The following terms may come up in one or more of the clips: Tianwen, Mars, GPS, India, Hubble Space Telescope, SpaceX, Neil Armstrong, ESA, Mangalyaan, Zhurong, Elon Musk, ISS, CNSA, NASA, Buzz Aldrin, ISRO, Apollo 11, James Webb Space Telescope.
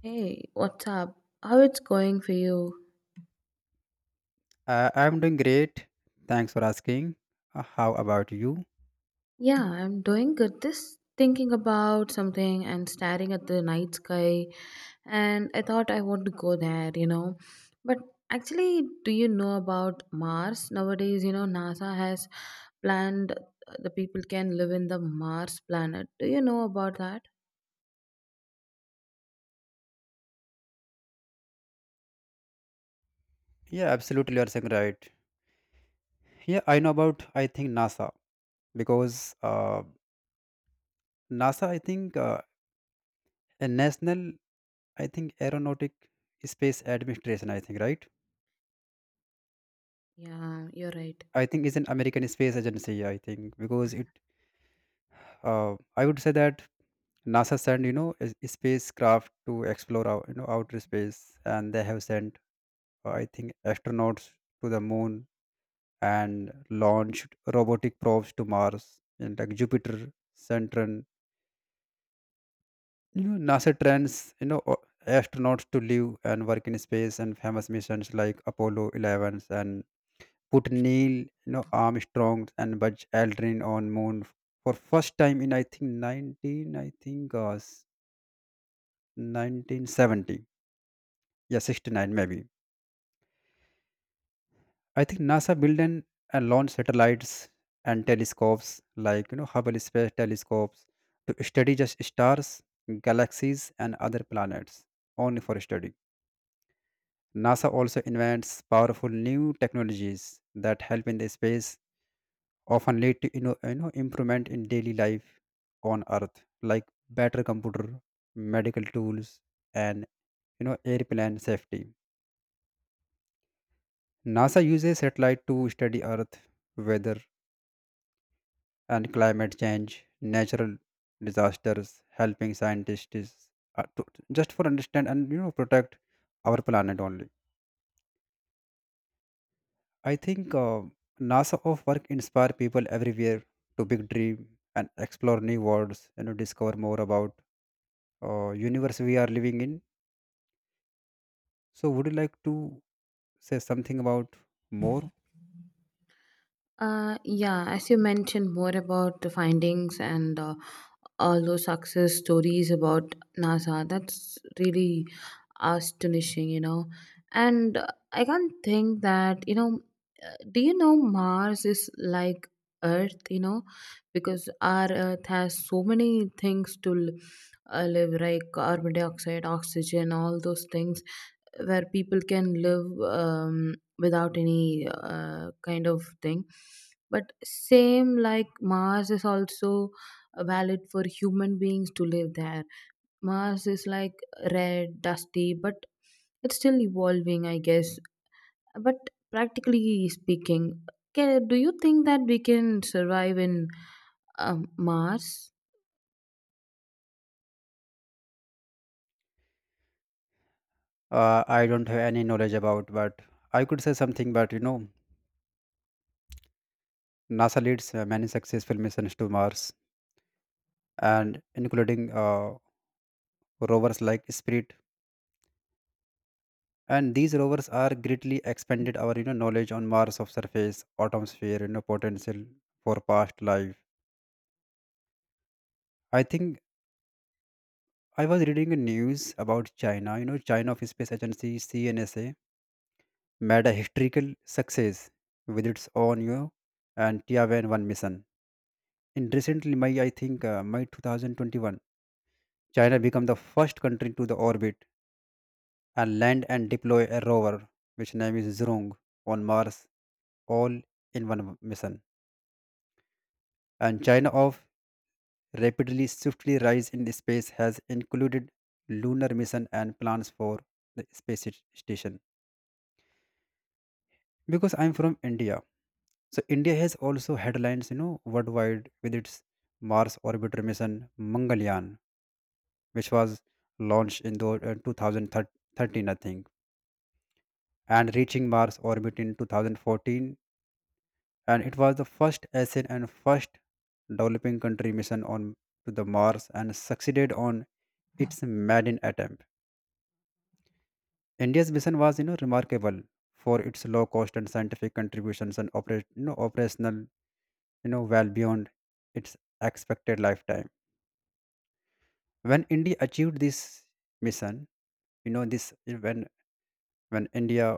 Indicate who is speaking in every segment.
Speaker 1: Hey, what's up? How it's going for you?
Speaker 2: I'm doing great. Thanks for asking. How about you?
Speaker 1: Yeah, I'm doing good. Just thinking about something and staring at the night sky, and I thought I want to go there. But actually, do you know about Mars? Nowadays, you know, NASA has planned the people can live in the Mars planet. Do you know about that?
Speaker 2: Yeah, absolutely. You're saying right. Yeah, I know about, I think, NASA because NASA, I think, a national, I think, aeronautic space administration, I think, right?
Speaker 1: Yeah, you're right.
Speaker 2: I think is an American space agency, I think, because it, I would say that NASA sent, you know, a spacecraft to explore, out, you know, outer space and they have sent, I think, astronauts to the moon and launched robotic probes to Mars and like Jupiter, Saturn. You know, NASA trains you know astronauts to live and work in space, and famous missions like Apollo 11 and put Neil you know Armstrong and Buzz Aldrin on Moon for first time in I think 19 1970 yeah 69 maybe. I think NASA built and launched satellites and telescopes like you know Hubble Space Telescopes to study just stars, galaxies, and other planets only for study. NASA also invents powerful new technologies that help in the space, often lead to you know improvement in daily life on Earth, like better computer, medical tools, and you know airplane safety. NASA uses satellite to study Earth weather and climate change, natural disasters, helping scientists to, just for understand and you know protect our planet only. I think NASA of work inspire people everywhere to big dream and explore new worlds. You know, discover more about universe we are living in. So, would you like to say something about more?
Speaker 1: Yeah, as you mentioned more about the findings and all those success stories about NASA, that's really astonishing. And I can't think that, do you know Mars is like Earth, because our Earth has so many things to live, like carbon dioxide, oxygen, all those things where people can live without any kind of thing, but same like mars is also valid for human beings to live there. Mars is like red dusty, but it's still evolving, I guess. But practically speaking, do you think that we can survive in mars?
Speaker 2: I don't have any knowledge about, but I could say something. But you know, NASA leads many successful missions to Mars and including rovers like Spirit, and these rovers are greatly expanded our you know knowledge on Mars of surface, atmosphere, you know potential for past life. I think I was reading a news about China. You know, China of Space Agency CNSA made a historical success with its own you know, and Tianwen one mission. In recently, May I think May 2021, China became the first country to the orbit and land and deploy a rover, which name is Zhurong, on Mars, all in one mission. And China of rapidly swiftly rise in space has included lunar mission and plans for the station. Because I'm from India, so India has also headlines, you know, worldwide with its Mars orbiter mission Mangalyaan, which was launched in the 2013, I think, and reaching Mars orbit in 2014, and it was the first Asian and first developing country mission on to the Mars and succeeded on its maiden attempt. India's mission was, you know, remarkable for its low cost and scientific contributions and operational, you know, well beyond its expected lifetime. When India achieved this mission, you know, this when when India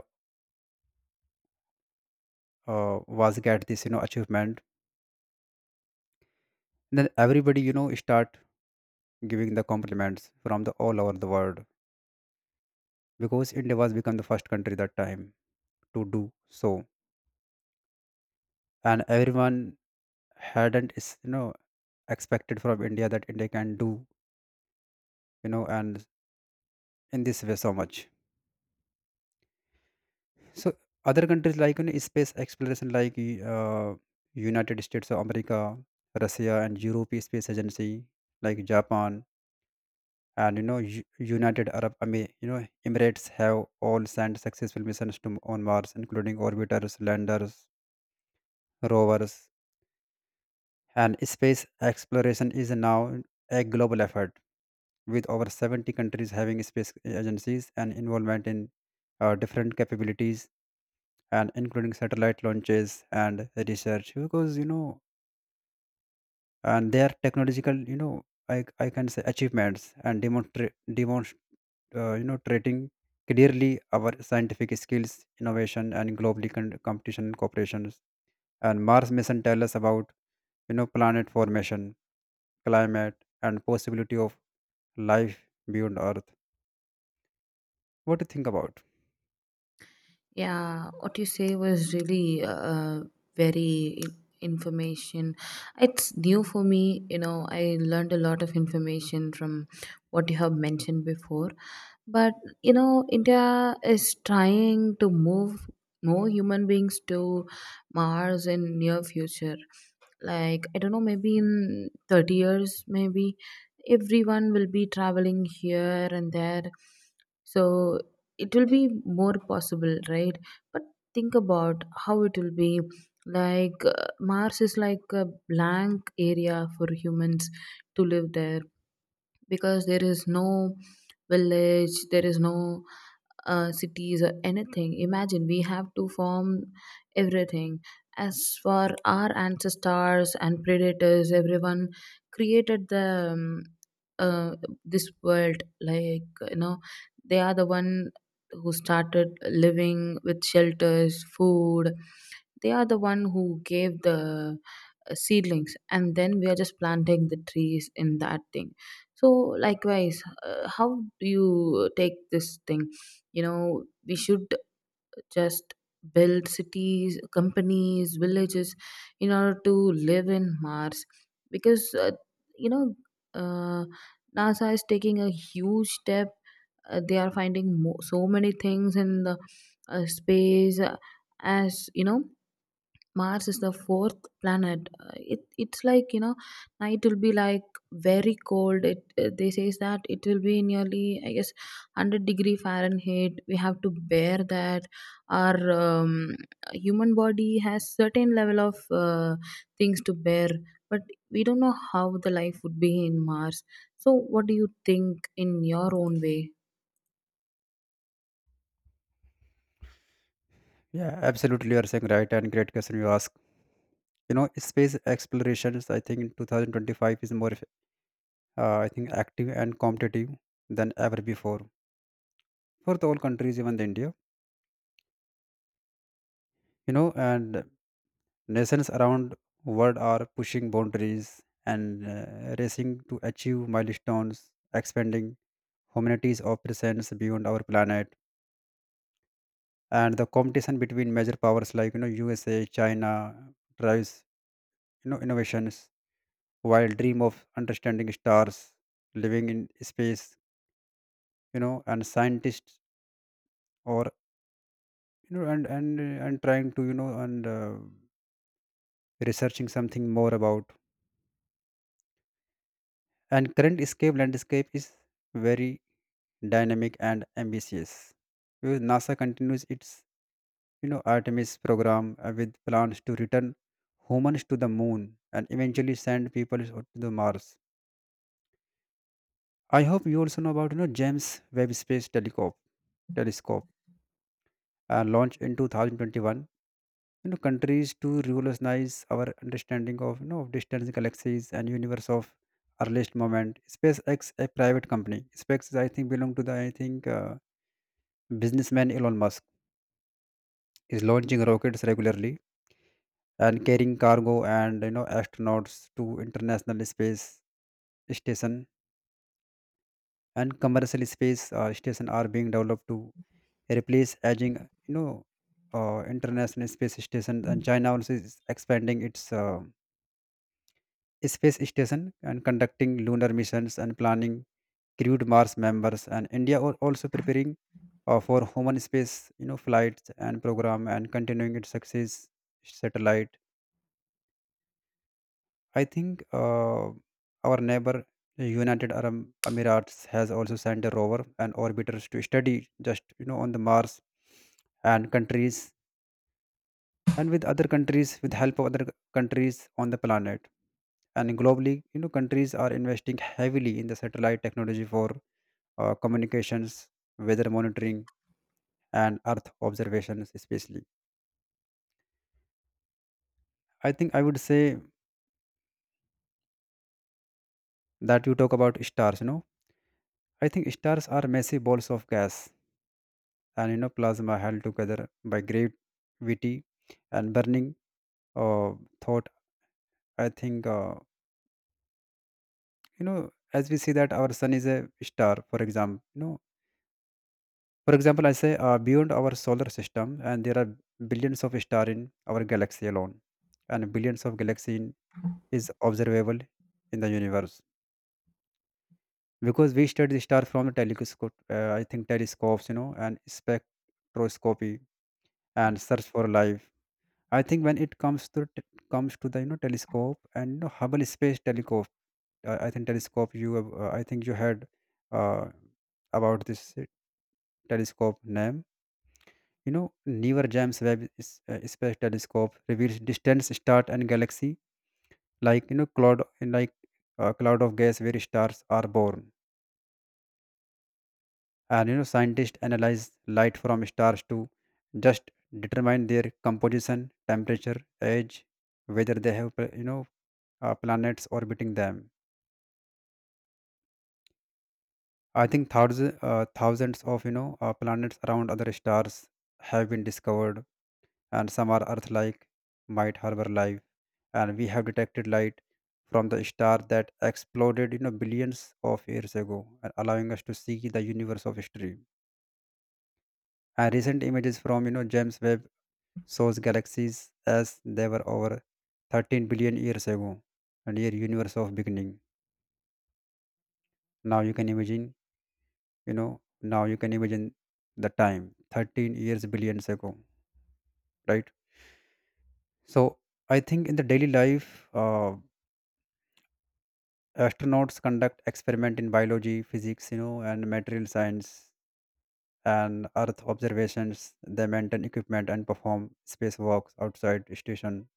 Speaker 2: was get this, you know, achievement, then everybody, you know, start giving the compliments from the all over the world because India was become the first country that time to do so, and everyone hadn't, is you know, expected from India that India can do you know and in this way so much. So other countries like in space exploration like uh, united states of america, russia and europe space agency like japan and you know united arab I mean, you know emirates have all sent successful missions to on mars including orbiters, landers, rovers, and space exploration is now a global effort with over 70 countries having space agencies and involvement in different capabilities and including satellite launches and research because you know and their technological you know I can say achievements and demonstrate you know treating clearly our scientific skills innovation and globally competition and cooperations. And mars mission tell us about you know planet formation, climate, and possibility of life beyond earth. What do you think about?
Speaker 1: Yeah, what you say was really very information. It's new for me. I learned a lot of information from what you have mentioned before. But you know, India is trying to move more human beings to Mars in near future, like I don't know, maybe in 30 years, maybe everyone will be traveling here and there, so it will be more possible, right? But think about how it will be. Like mars is like a blank area for humans to live there, because there is no village, there is no cities or anything. Imagine we have to form everything. As for our ancestors and predators, everyone created the uh, this world. Like you know, they are the one who started living with shelters, food. They are the one who gave the seedlings, and then we are just planting the trees in that thing. So likewise, how do you take this thing? You know, we should just build cities, companies, villages in order to live in mars. Because you know uh, nasa is taking a huge step. They are finding so many things in the space. As you know, Mars is the fourth planet. It it's like you know, night will be like very cold. It they says that it will be nearly I guess 100 degree Fahrenheit. We have to bear that. Our human body has certain level of things to bear, but we don't know how the life would be in Mars. So, what do you think in your own way?
Speaker 2: Yeah, absolutely, you are saying right and great question you ask. You know, space explorations I think in 2025 is more I think active and competitive than ever before for the whole countries, even the India. You know, and nations around world are pushing boundaries and racing to achieve milestones, expanding humanity's of presence beyond our planet. And the competition between major powers like you know USA, China drives you know innovations, while dream of understanding stars, living in space, you know, and scientists or and trying to you know and researching something more about. And current escape landscape is very dynamic and ambitious because nasa continues its you know artemis program with plans to return humans to the moon and eventually send people to the mars. I hope you also know about you know james webb space telescope launched in 2021, you know countries to revolutionize our understanding of you know of distance galaxies and universe of earliest moment. Spacex a private company spacex I think belong to the I think businessman elon musk is launching rockets regularly and carrying cargo and you know astronauts to international space station, and commercial space station are being developed to replace aging you know international space station. And china also is expanding its space station and conducting lunar missions and planning crewed Mars members. And India are also preparing for human space, you know, flights and program and continuing its success satellite. I think our neighbor United Arab Emirates has also sent a rover and orbiters to study just you know on the Mars and countries and with other countries with help of other countries on the planet. And globally you know countries are investing heavily in the satellite technology for communications, weather monitoring, and earth observations especially. I think I would say that you talk about stars you know I think stars are massive balls of gas and you know plasma held together by great gravity and burning uh, thought. I think you know as we see that our sun is a star for example you know. For example, I say beyond our solar system, and there are billions of stars in our galaxy alone, and billions of galaxy in, is observable in the universe because we study the star from the telescope. I think telescopes, you know, and spectroscopy and search for life. I think when it comes to the you know telescope and you know, Hubble Space Telescope, I think telescope you have, I think you had uh, about this telescope name. You know, newer James Webb Space Telescope reveals distant stars and galaxy like you know cloud like a cloud of gas where stars are born. And you know, scientists analyze light from stars to just determine their composition, temperature, age, whether they have planets orbiting them. I think thousands of you know planets around other stars have been discovered and some are Earth-like, might harbor life, and we have detected light from the star that exploded, you know, billions of years ago, and allowing us to see the universe of history. And recent images from you know James Webb shows galaxies as they were over 13 billion years ago, and here universe of beginning. Now you can imagine, you know, now you can imagine the time 13 years billions ago, right? So I think in the daily life, astronauts conduct experiment in biology physics you know and material science and earth observations. They maintain equipment and perform spacewalks outside station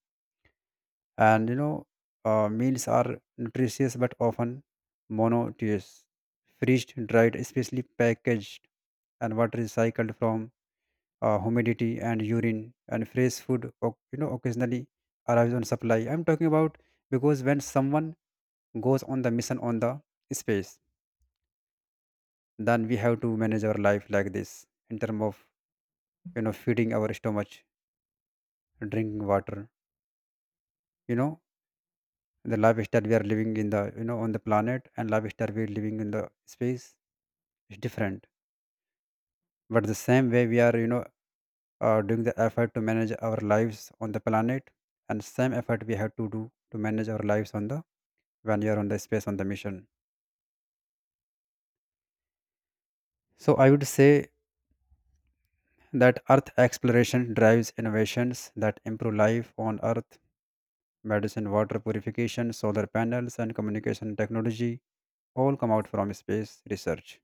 Speaker 2: and you know meals are nutritious but often monotonous, freezed dried especially packaged, and water is cycled from humidity and urine, and fresh food you know occasionally arrives on supply. I'm talking about because when someone goes on the mission on the space, then we have to manage our life like this in terms of you know feeding our stomach, drinking water, you know. The lifestyle we are living in the you know on the planet and lifestyle we are living in the space is different, but the same way we are you know doing the effort to manage our lives on the planet, and same effort we have to do to manage our lives on the when you are on the space on the mission. So I would say that earth exploration drives innovations that improve life on earth. Medicine, water purification, solar panels, and communication technology all come out from space research.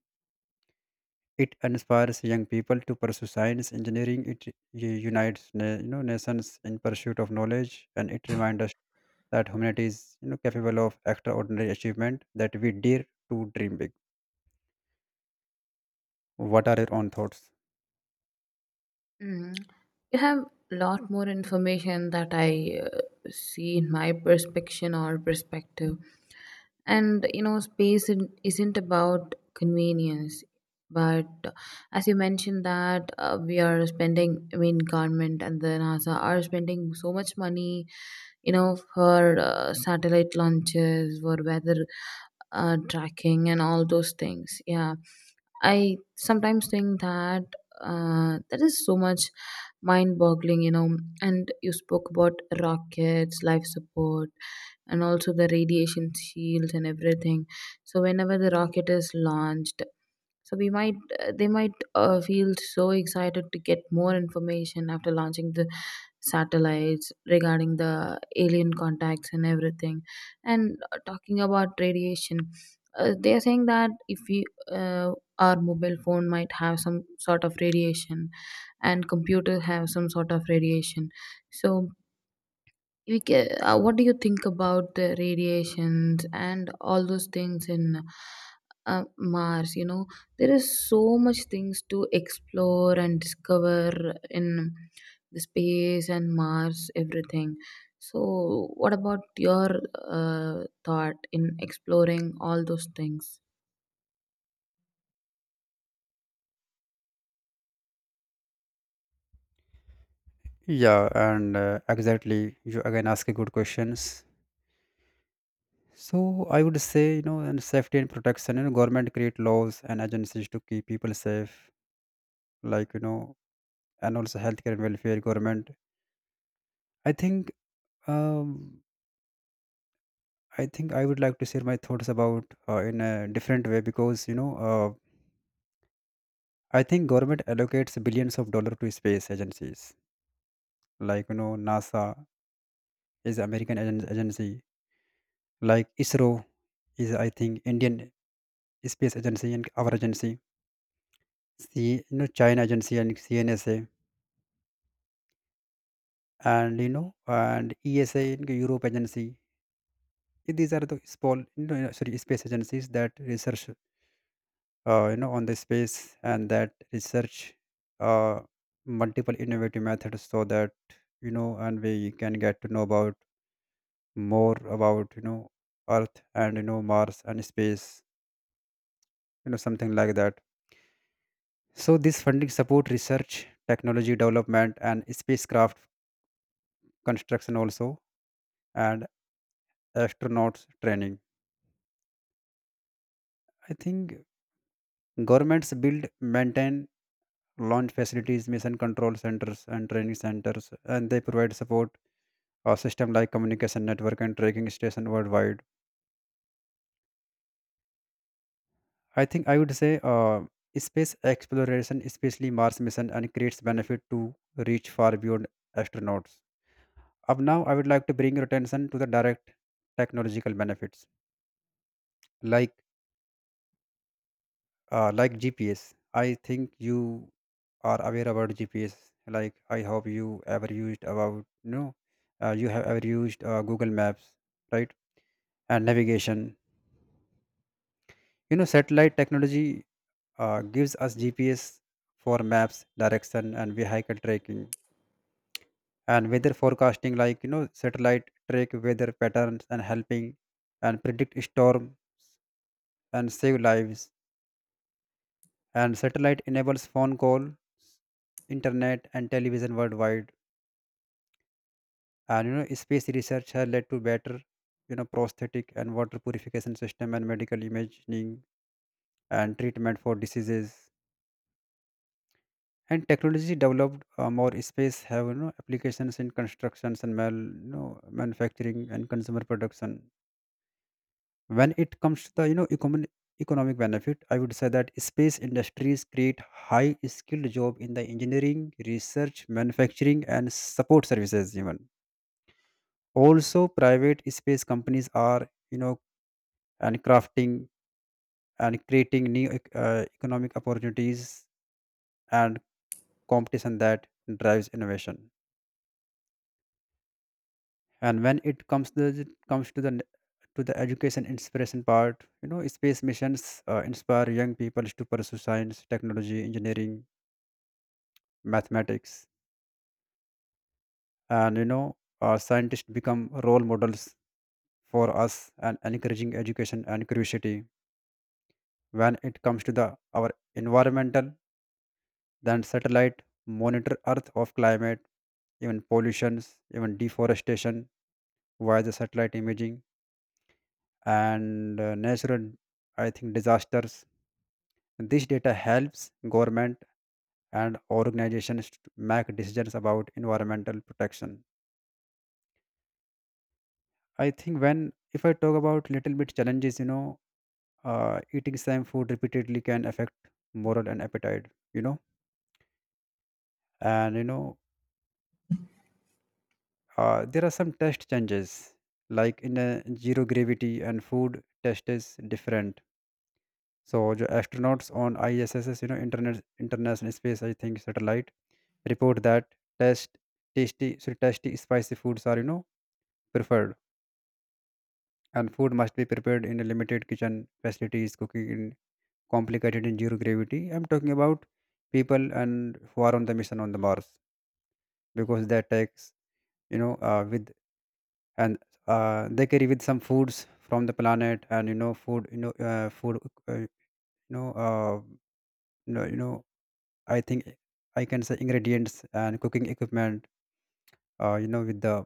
Speaker 2: It inspires young people to pursue science, engineering. It you know, nations in pursuit of knowledge, and it reminds us that humanity is you know, capable of extraordinary achievement that we dare to dream big. What are your own thoughts?
Speaker 1: Mm. You have a lot more information that I see in my perspection or perspective. And you know, space isn't about convenience, but as you mentioned that we are spending, I mean, government and the NASA are spending so much money, you know, for satellite launches, for weather tracking, and all those things. Yeah. I sometimes think that that is so much mind boggling, you know. And you spoke about rockets, life support, and also the radiation shields and everything. So whenever the rocket is launched, so we might they might feel so excited to get more information after launching the satellites regarding the alien contacts and everything. And talking about radiation, they are saying that if we uh, our mobile phone might have some sort of radiation, and computer have some sort of radiation. So what do you think about the radiations and all those things in uh, mars, you know? There is so much things to explore and discover in the space and mars, everything. So what about your thought in exploring all those things?
Speaker 2: Yeah, and exactly, you again ask a good questions. So I would say, and safety and protection, you know, government create laws and agencies to keep people safe, like you know and also healthcare and welfare government. I think um, i think I would like to share my thoughts about in a different way because I think government allocates billions of dollars to space agencies like you know NASA is agency, like ISRO is I think Indian space agency and our agency, see you know China agency and CNSA, and you know and ESA and Europe agency. These are the small you know, sorry space agencies that research you know on the space, and that research uh, multiple innovative methods so that you know, and we can get to know about more about you know Earth and you know Mars and space, you know something like that. So this funding support research technology development and spacecraft construction also, and astronauts training. I think governments build, maintain launch facilities, mission control centers and training centers, and they provide support system like communication network and tracking station worldwide. I think I would say space exploration, especially Mars mission, and creates benefit to reach far beyond astronauts. Up now, I would like to bring your attention to the direct technological benefits, like like GPS. I think you are aware about GPS. Like I hope you ever used about no, you have ever used Google Maps, right? And navigation. You know, satellite technology gives us GPS for maps, direction, and vehicle tracking, and weather forecasting, like you know, satellite track weather patterns and helping and predict storm and save lives. And satellite enables phone call, internet, and television worldwide. And you know, space research has led to better, you know, prosthetic and water purification system and medical imaging and treatment for diseases. And technology developed more space have you know applications in constructions and manufacturing and consumer production. When it comes to the economic benefit, I would say that space industries create high skilled job in the engineering, research, manufacturing and support services. Even also private space companies are you know and crafting and creating new economic opportunities and competition that drives innovation. And when it comes to the, to the education inspiration part, you know space missions inspire young people to pursue science, technology, engineering, mathematics. And you know scientists become role models for us and encouraging education and curiosity. When it comes to the our environmental, then satellite monitor earth of climate, even pollutions, even deforestation via the satellite imaging and natural I think disasters. This data helps government and organizations to make decisions about environmental protection. I think when if I talk about little bit challenges, you know, eating same food repeatedly can affect moral and appetite. You know, and you know, there are some test changes, like in a zero gravity and food test is different. So the astronauts on ISS, you know, internet, International Space, I think satellite, report that test tasty, so tasty spicy foods are you know preferred, and food must be prepared in a limited kitchen facilities. Cooking in complicated in zero gravity. I'm talking about people and who are on the mission on the Mars, because that takes you know with and they carry with some foods from the planet. And you know food you know food you know you know you know I think I can say ingredients and cooking equipment. You know with the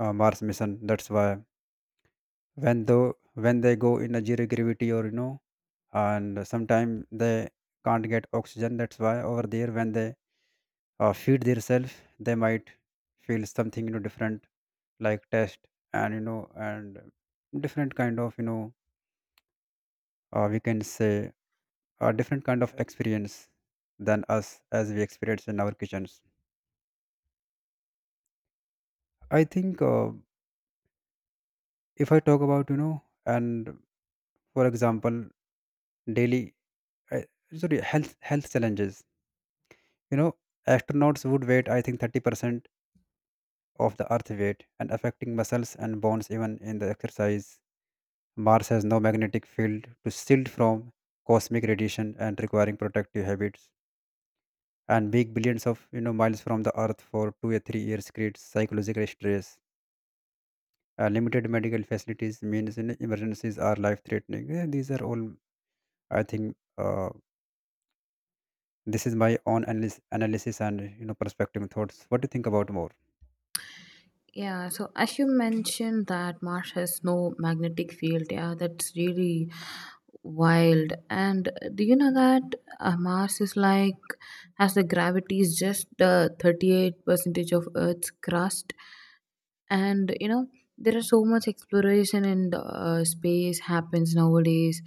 Speaker 2: Mars mission. That's why when they go in a zero gravity or you know, and sometimes they can't get oxygen, that's why over there when they feed themselves, they might feel something you know different, like taste, and you know and different kind of you know, we can say a different kind of experience than us as we experience in our kitchens. I think if I talk about you know, and for example, daily, uh, sorry health challenges, you know, astronauts would wait I think 30% of the earth weight, and affecting muscles and bones even in the exercise. Mars has no magnetic field to shield from cosmic radiation and requiring protective habits. And being billions of you know miles from the Earth for 2 or 3 years creates psychological stress. Limited medical facilities means you know, emergencies are life threatening. Yeah, these are all I think this is my own analysis and you know perspective thoughts. What do you think about more?
Speaker 1: Yeah, so as you mentioned that Mars has no magnetic field, yeah, that's really wild. And do you know that Mars is like has the gravity is just 38 percentage of Earth's crust, and you know there are so much exploration in the space happens nowadays.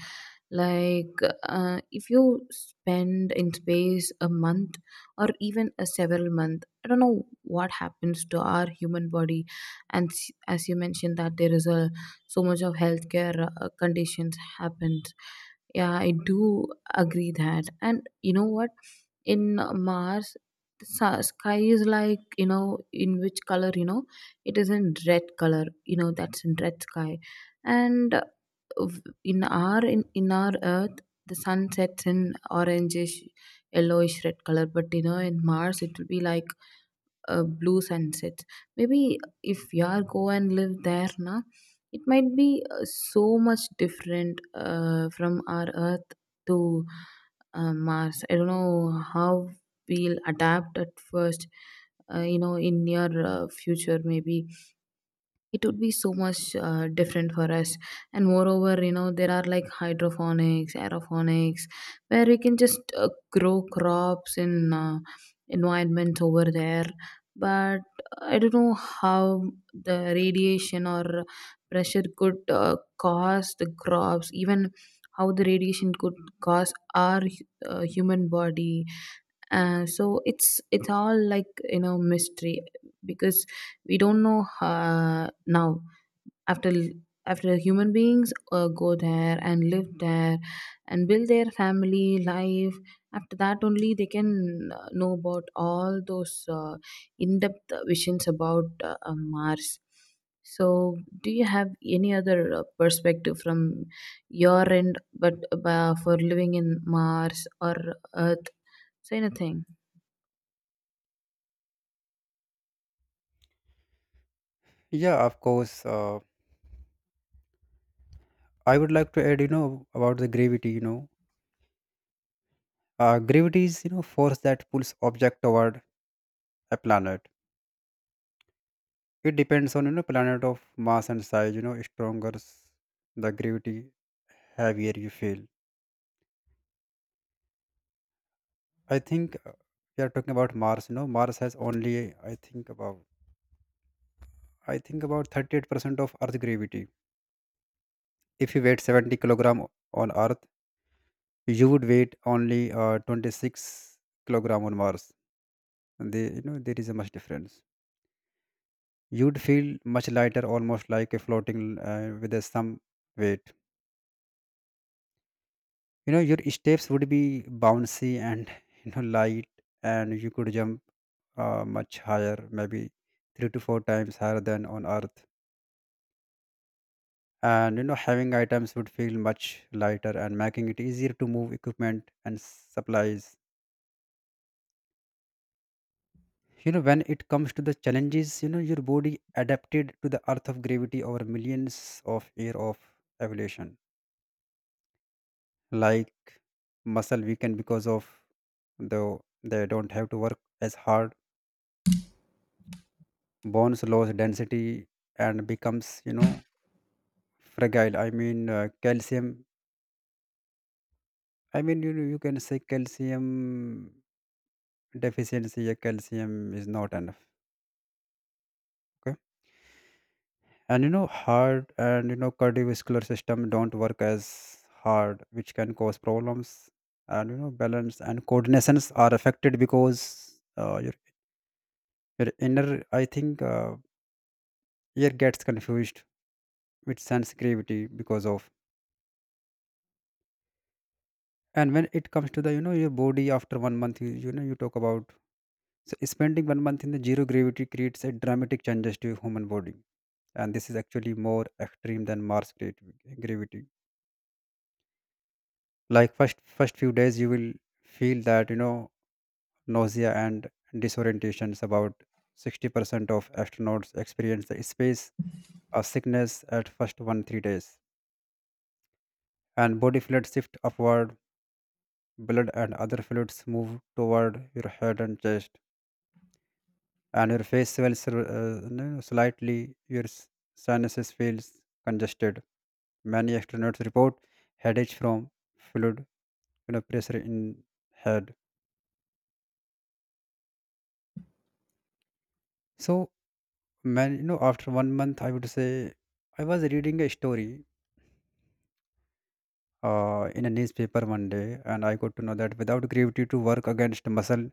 Speaker 1: Like if you spend in space a month, or even a several month, I don't know what happens to our human body. And as you mentioned that there is a so much of healthcare conditions happens. Yeah, I do agree that. And you know what, in mars the sky is like you know in which color, you know? It is in red color, you know, that's in red sky. And in our earth, the sun sets in orangish yellowish red color, but you know in mars it will be like a blue sunset. Maybe if you are go and live there na, it might be so much different from our earth to mars. I don't know how we'll adapt at first, you know, in near future. Maybe it would be so much different for us. And moreover, you know, there are like hydroponics, aeroponics, where we can just grow crops in environments over there. But I don't know how the radiation or pressure could cause the crops, even how the radiation could cause our human body. So it's all like you know mystery, because we don't know now, after human beings go there and live there and build their family life. After that only they can know about all those in-depth visions about mars. So, do you have any other perspective from your end, but for living in mars or earth? Say anything.
Speaker 2: Yeah, of course. I would like to add you know about the gravity. You know gravity is you know force that pulls object toward a planet. It depends on you know planet of mass and size. You know, stronger the gravity, heavier you feel. I think we are talking about Mars. You know Mars has only i think about I think about 38% of earth gravity. If you weighed 70 kilogram on earth, you would weight only 26 kilogram on Mars. And they, you know there is a much difference. You'd feel much lighter, almost like a floating with a some weight. You know your steps would be bouncy and you know light, and you could jump much higher, maybe three to four times higher than on earth. And you know having items would feel much lighter and making it easier to move equipment and supplies. You know when it comes to the challenges, you know your body adapted to the earth of gravity over millions of year of evolution. Like muscle weaken because of though they don't have to work as hard, bones lose density and becomes you know fragile. I mean calcium, I mean you can say calcium deficiency. Yeah, calcium is not enough. Okay. And you know heart and you know cardiovascular system don't work as hard, which can cause problems. And you know balance and coordinations are affected because your inner I think ear gets confused with sense gravity because of. And when it comes to the, you know, your body after one month, you know, you talk about, so spending one month in the zero gravity creates a dramatic changes to your human body, and this is actually more extreme than Mars gravity. Like first few days, you will feel that you know nausea and disorientations. About 60% of astronauts experience the space of sickness at first 1 to 3 days, and body fluids shift upward. Blood and other fluids move toward your head and chest, and your face swells you know, slightly. Your sinuses feels congested. Many astronauts report headaches from fluid you know pressure in head. So man, you know after one month, I would say I was reading a story in a newspaper one day, and I got to know that without gravity to work against, muscle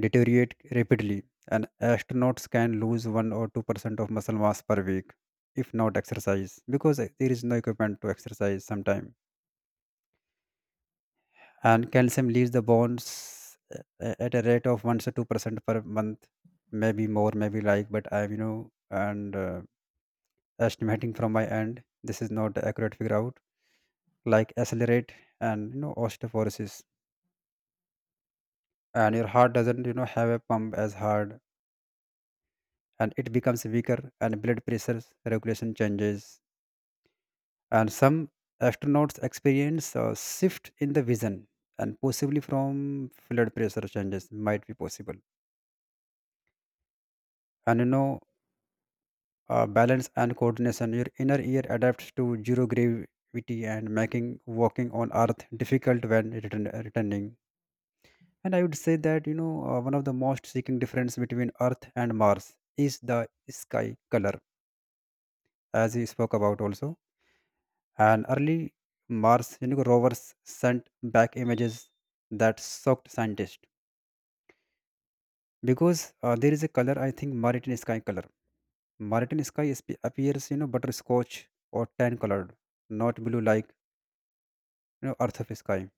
Speaker 2: deteriorate rapidly, and astronauts can lose 1 or 2% of muscle mass per week if not exercise, because there is no equipment to exercise sometimes. And calcium leaves the at a rate of 1 to 2% per month, maybe more maybe like, but I'm you know and estimating from my end, this is not the accurate figure out, like accelerate. And you know osteoporosis, and your heart doesn't you know have a pump as hard, and it becomes weaker, and blood pressure regulation changes. And some astronauts experience a shift in the vision, and possibly from blood pressure changes might be possible. And you know balance and coordination. Your inner ear adapts to zero gravity and making walking on earth difficult when returning. And I would say that you know one of the most seeking difference between Earth and Mars is the sky color, as we spoke about also. And early Mars you know, rovers sent back images that shocked scientists, because there is a color I think Martian sky color. Martian sky is, appears you know butterscotch or tan colored, not blue like you know, Earth of sky.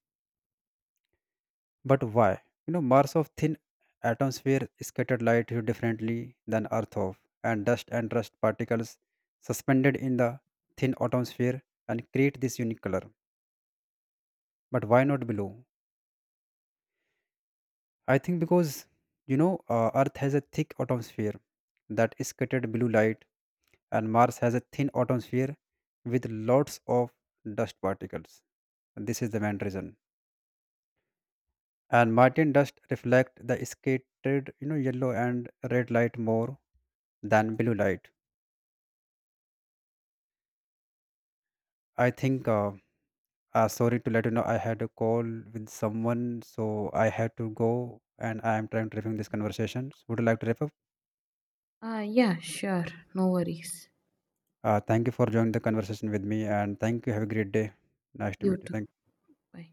Speaker 2: But why? You know, Mars of thin atmosphere scattered light here differently than Earth of, and dust particles suspended in the thin atmosphere and create this unique color. But why not below? I think because you know Earth has a thick atmosphere that is scattered blue light, and Mars has a thin atmosphere with lots of dust particles. This is the main reason. And Martin dust reflect the scattered you know yellow and red light more than blue light. I think, sorry to let you know I had a call with someone, so I had to go, and I am trying to review this conversation. So would you like to wrap up?
Speaker 1: Yeah, sure. No worries.
Speaker 2: Thank you for joining the conversation with me, and thank you, have a great day. Nice to
Speaker 1: You
Speaker 2: meet you,
Speaker 1: too.
Speaker 2: thank you.
Speaker 1: Bye.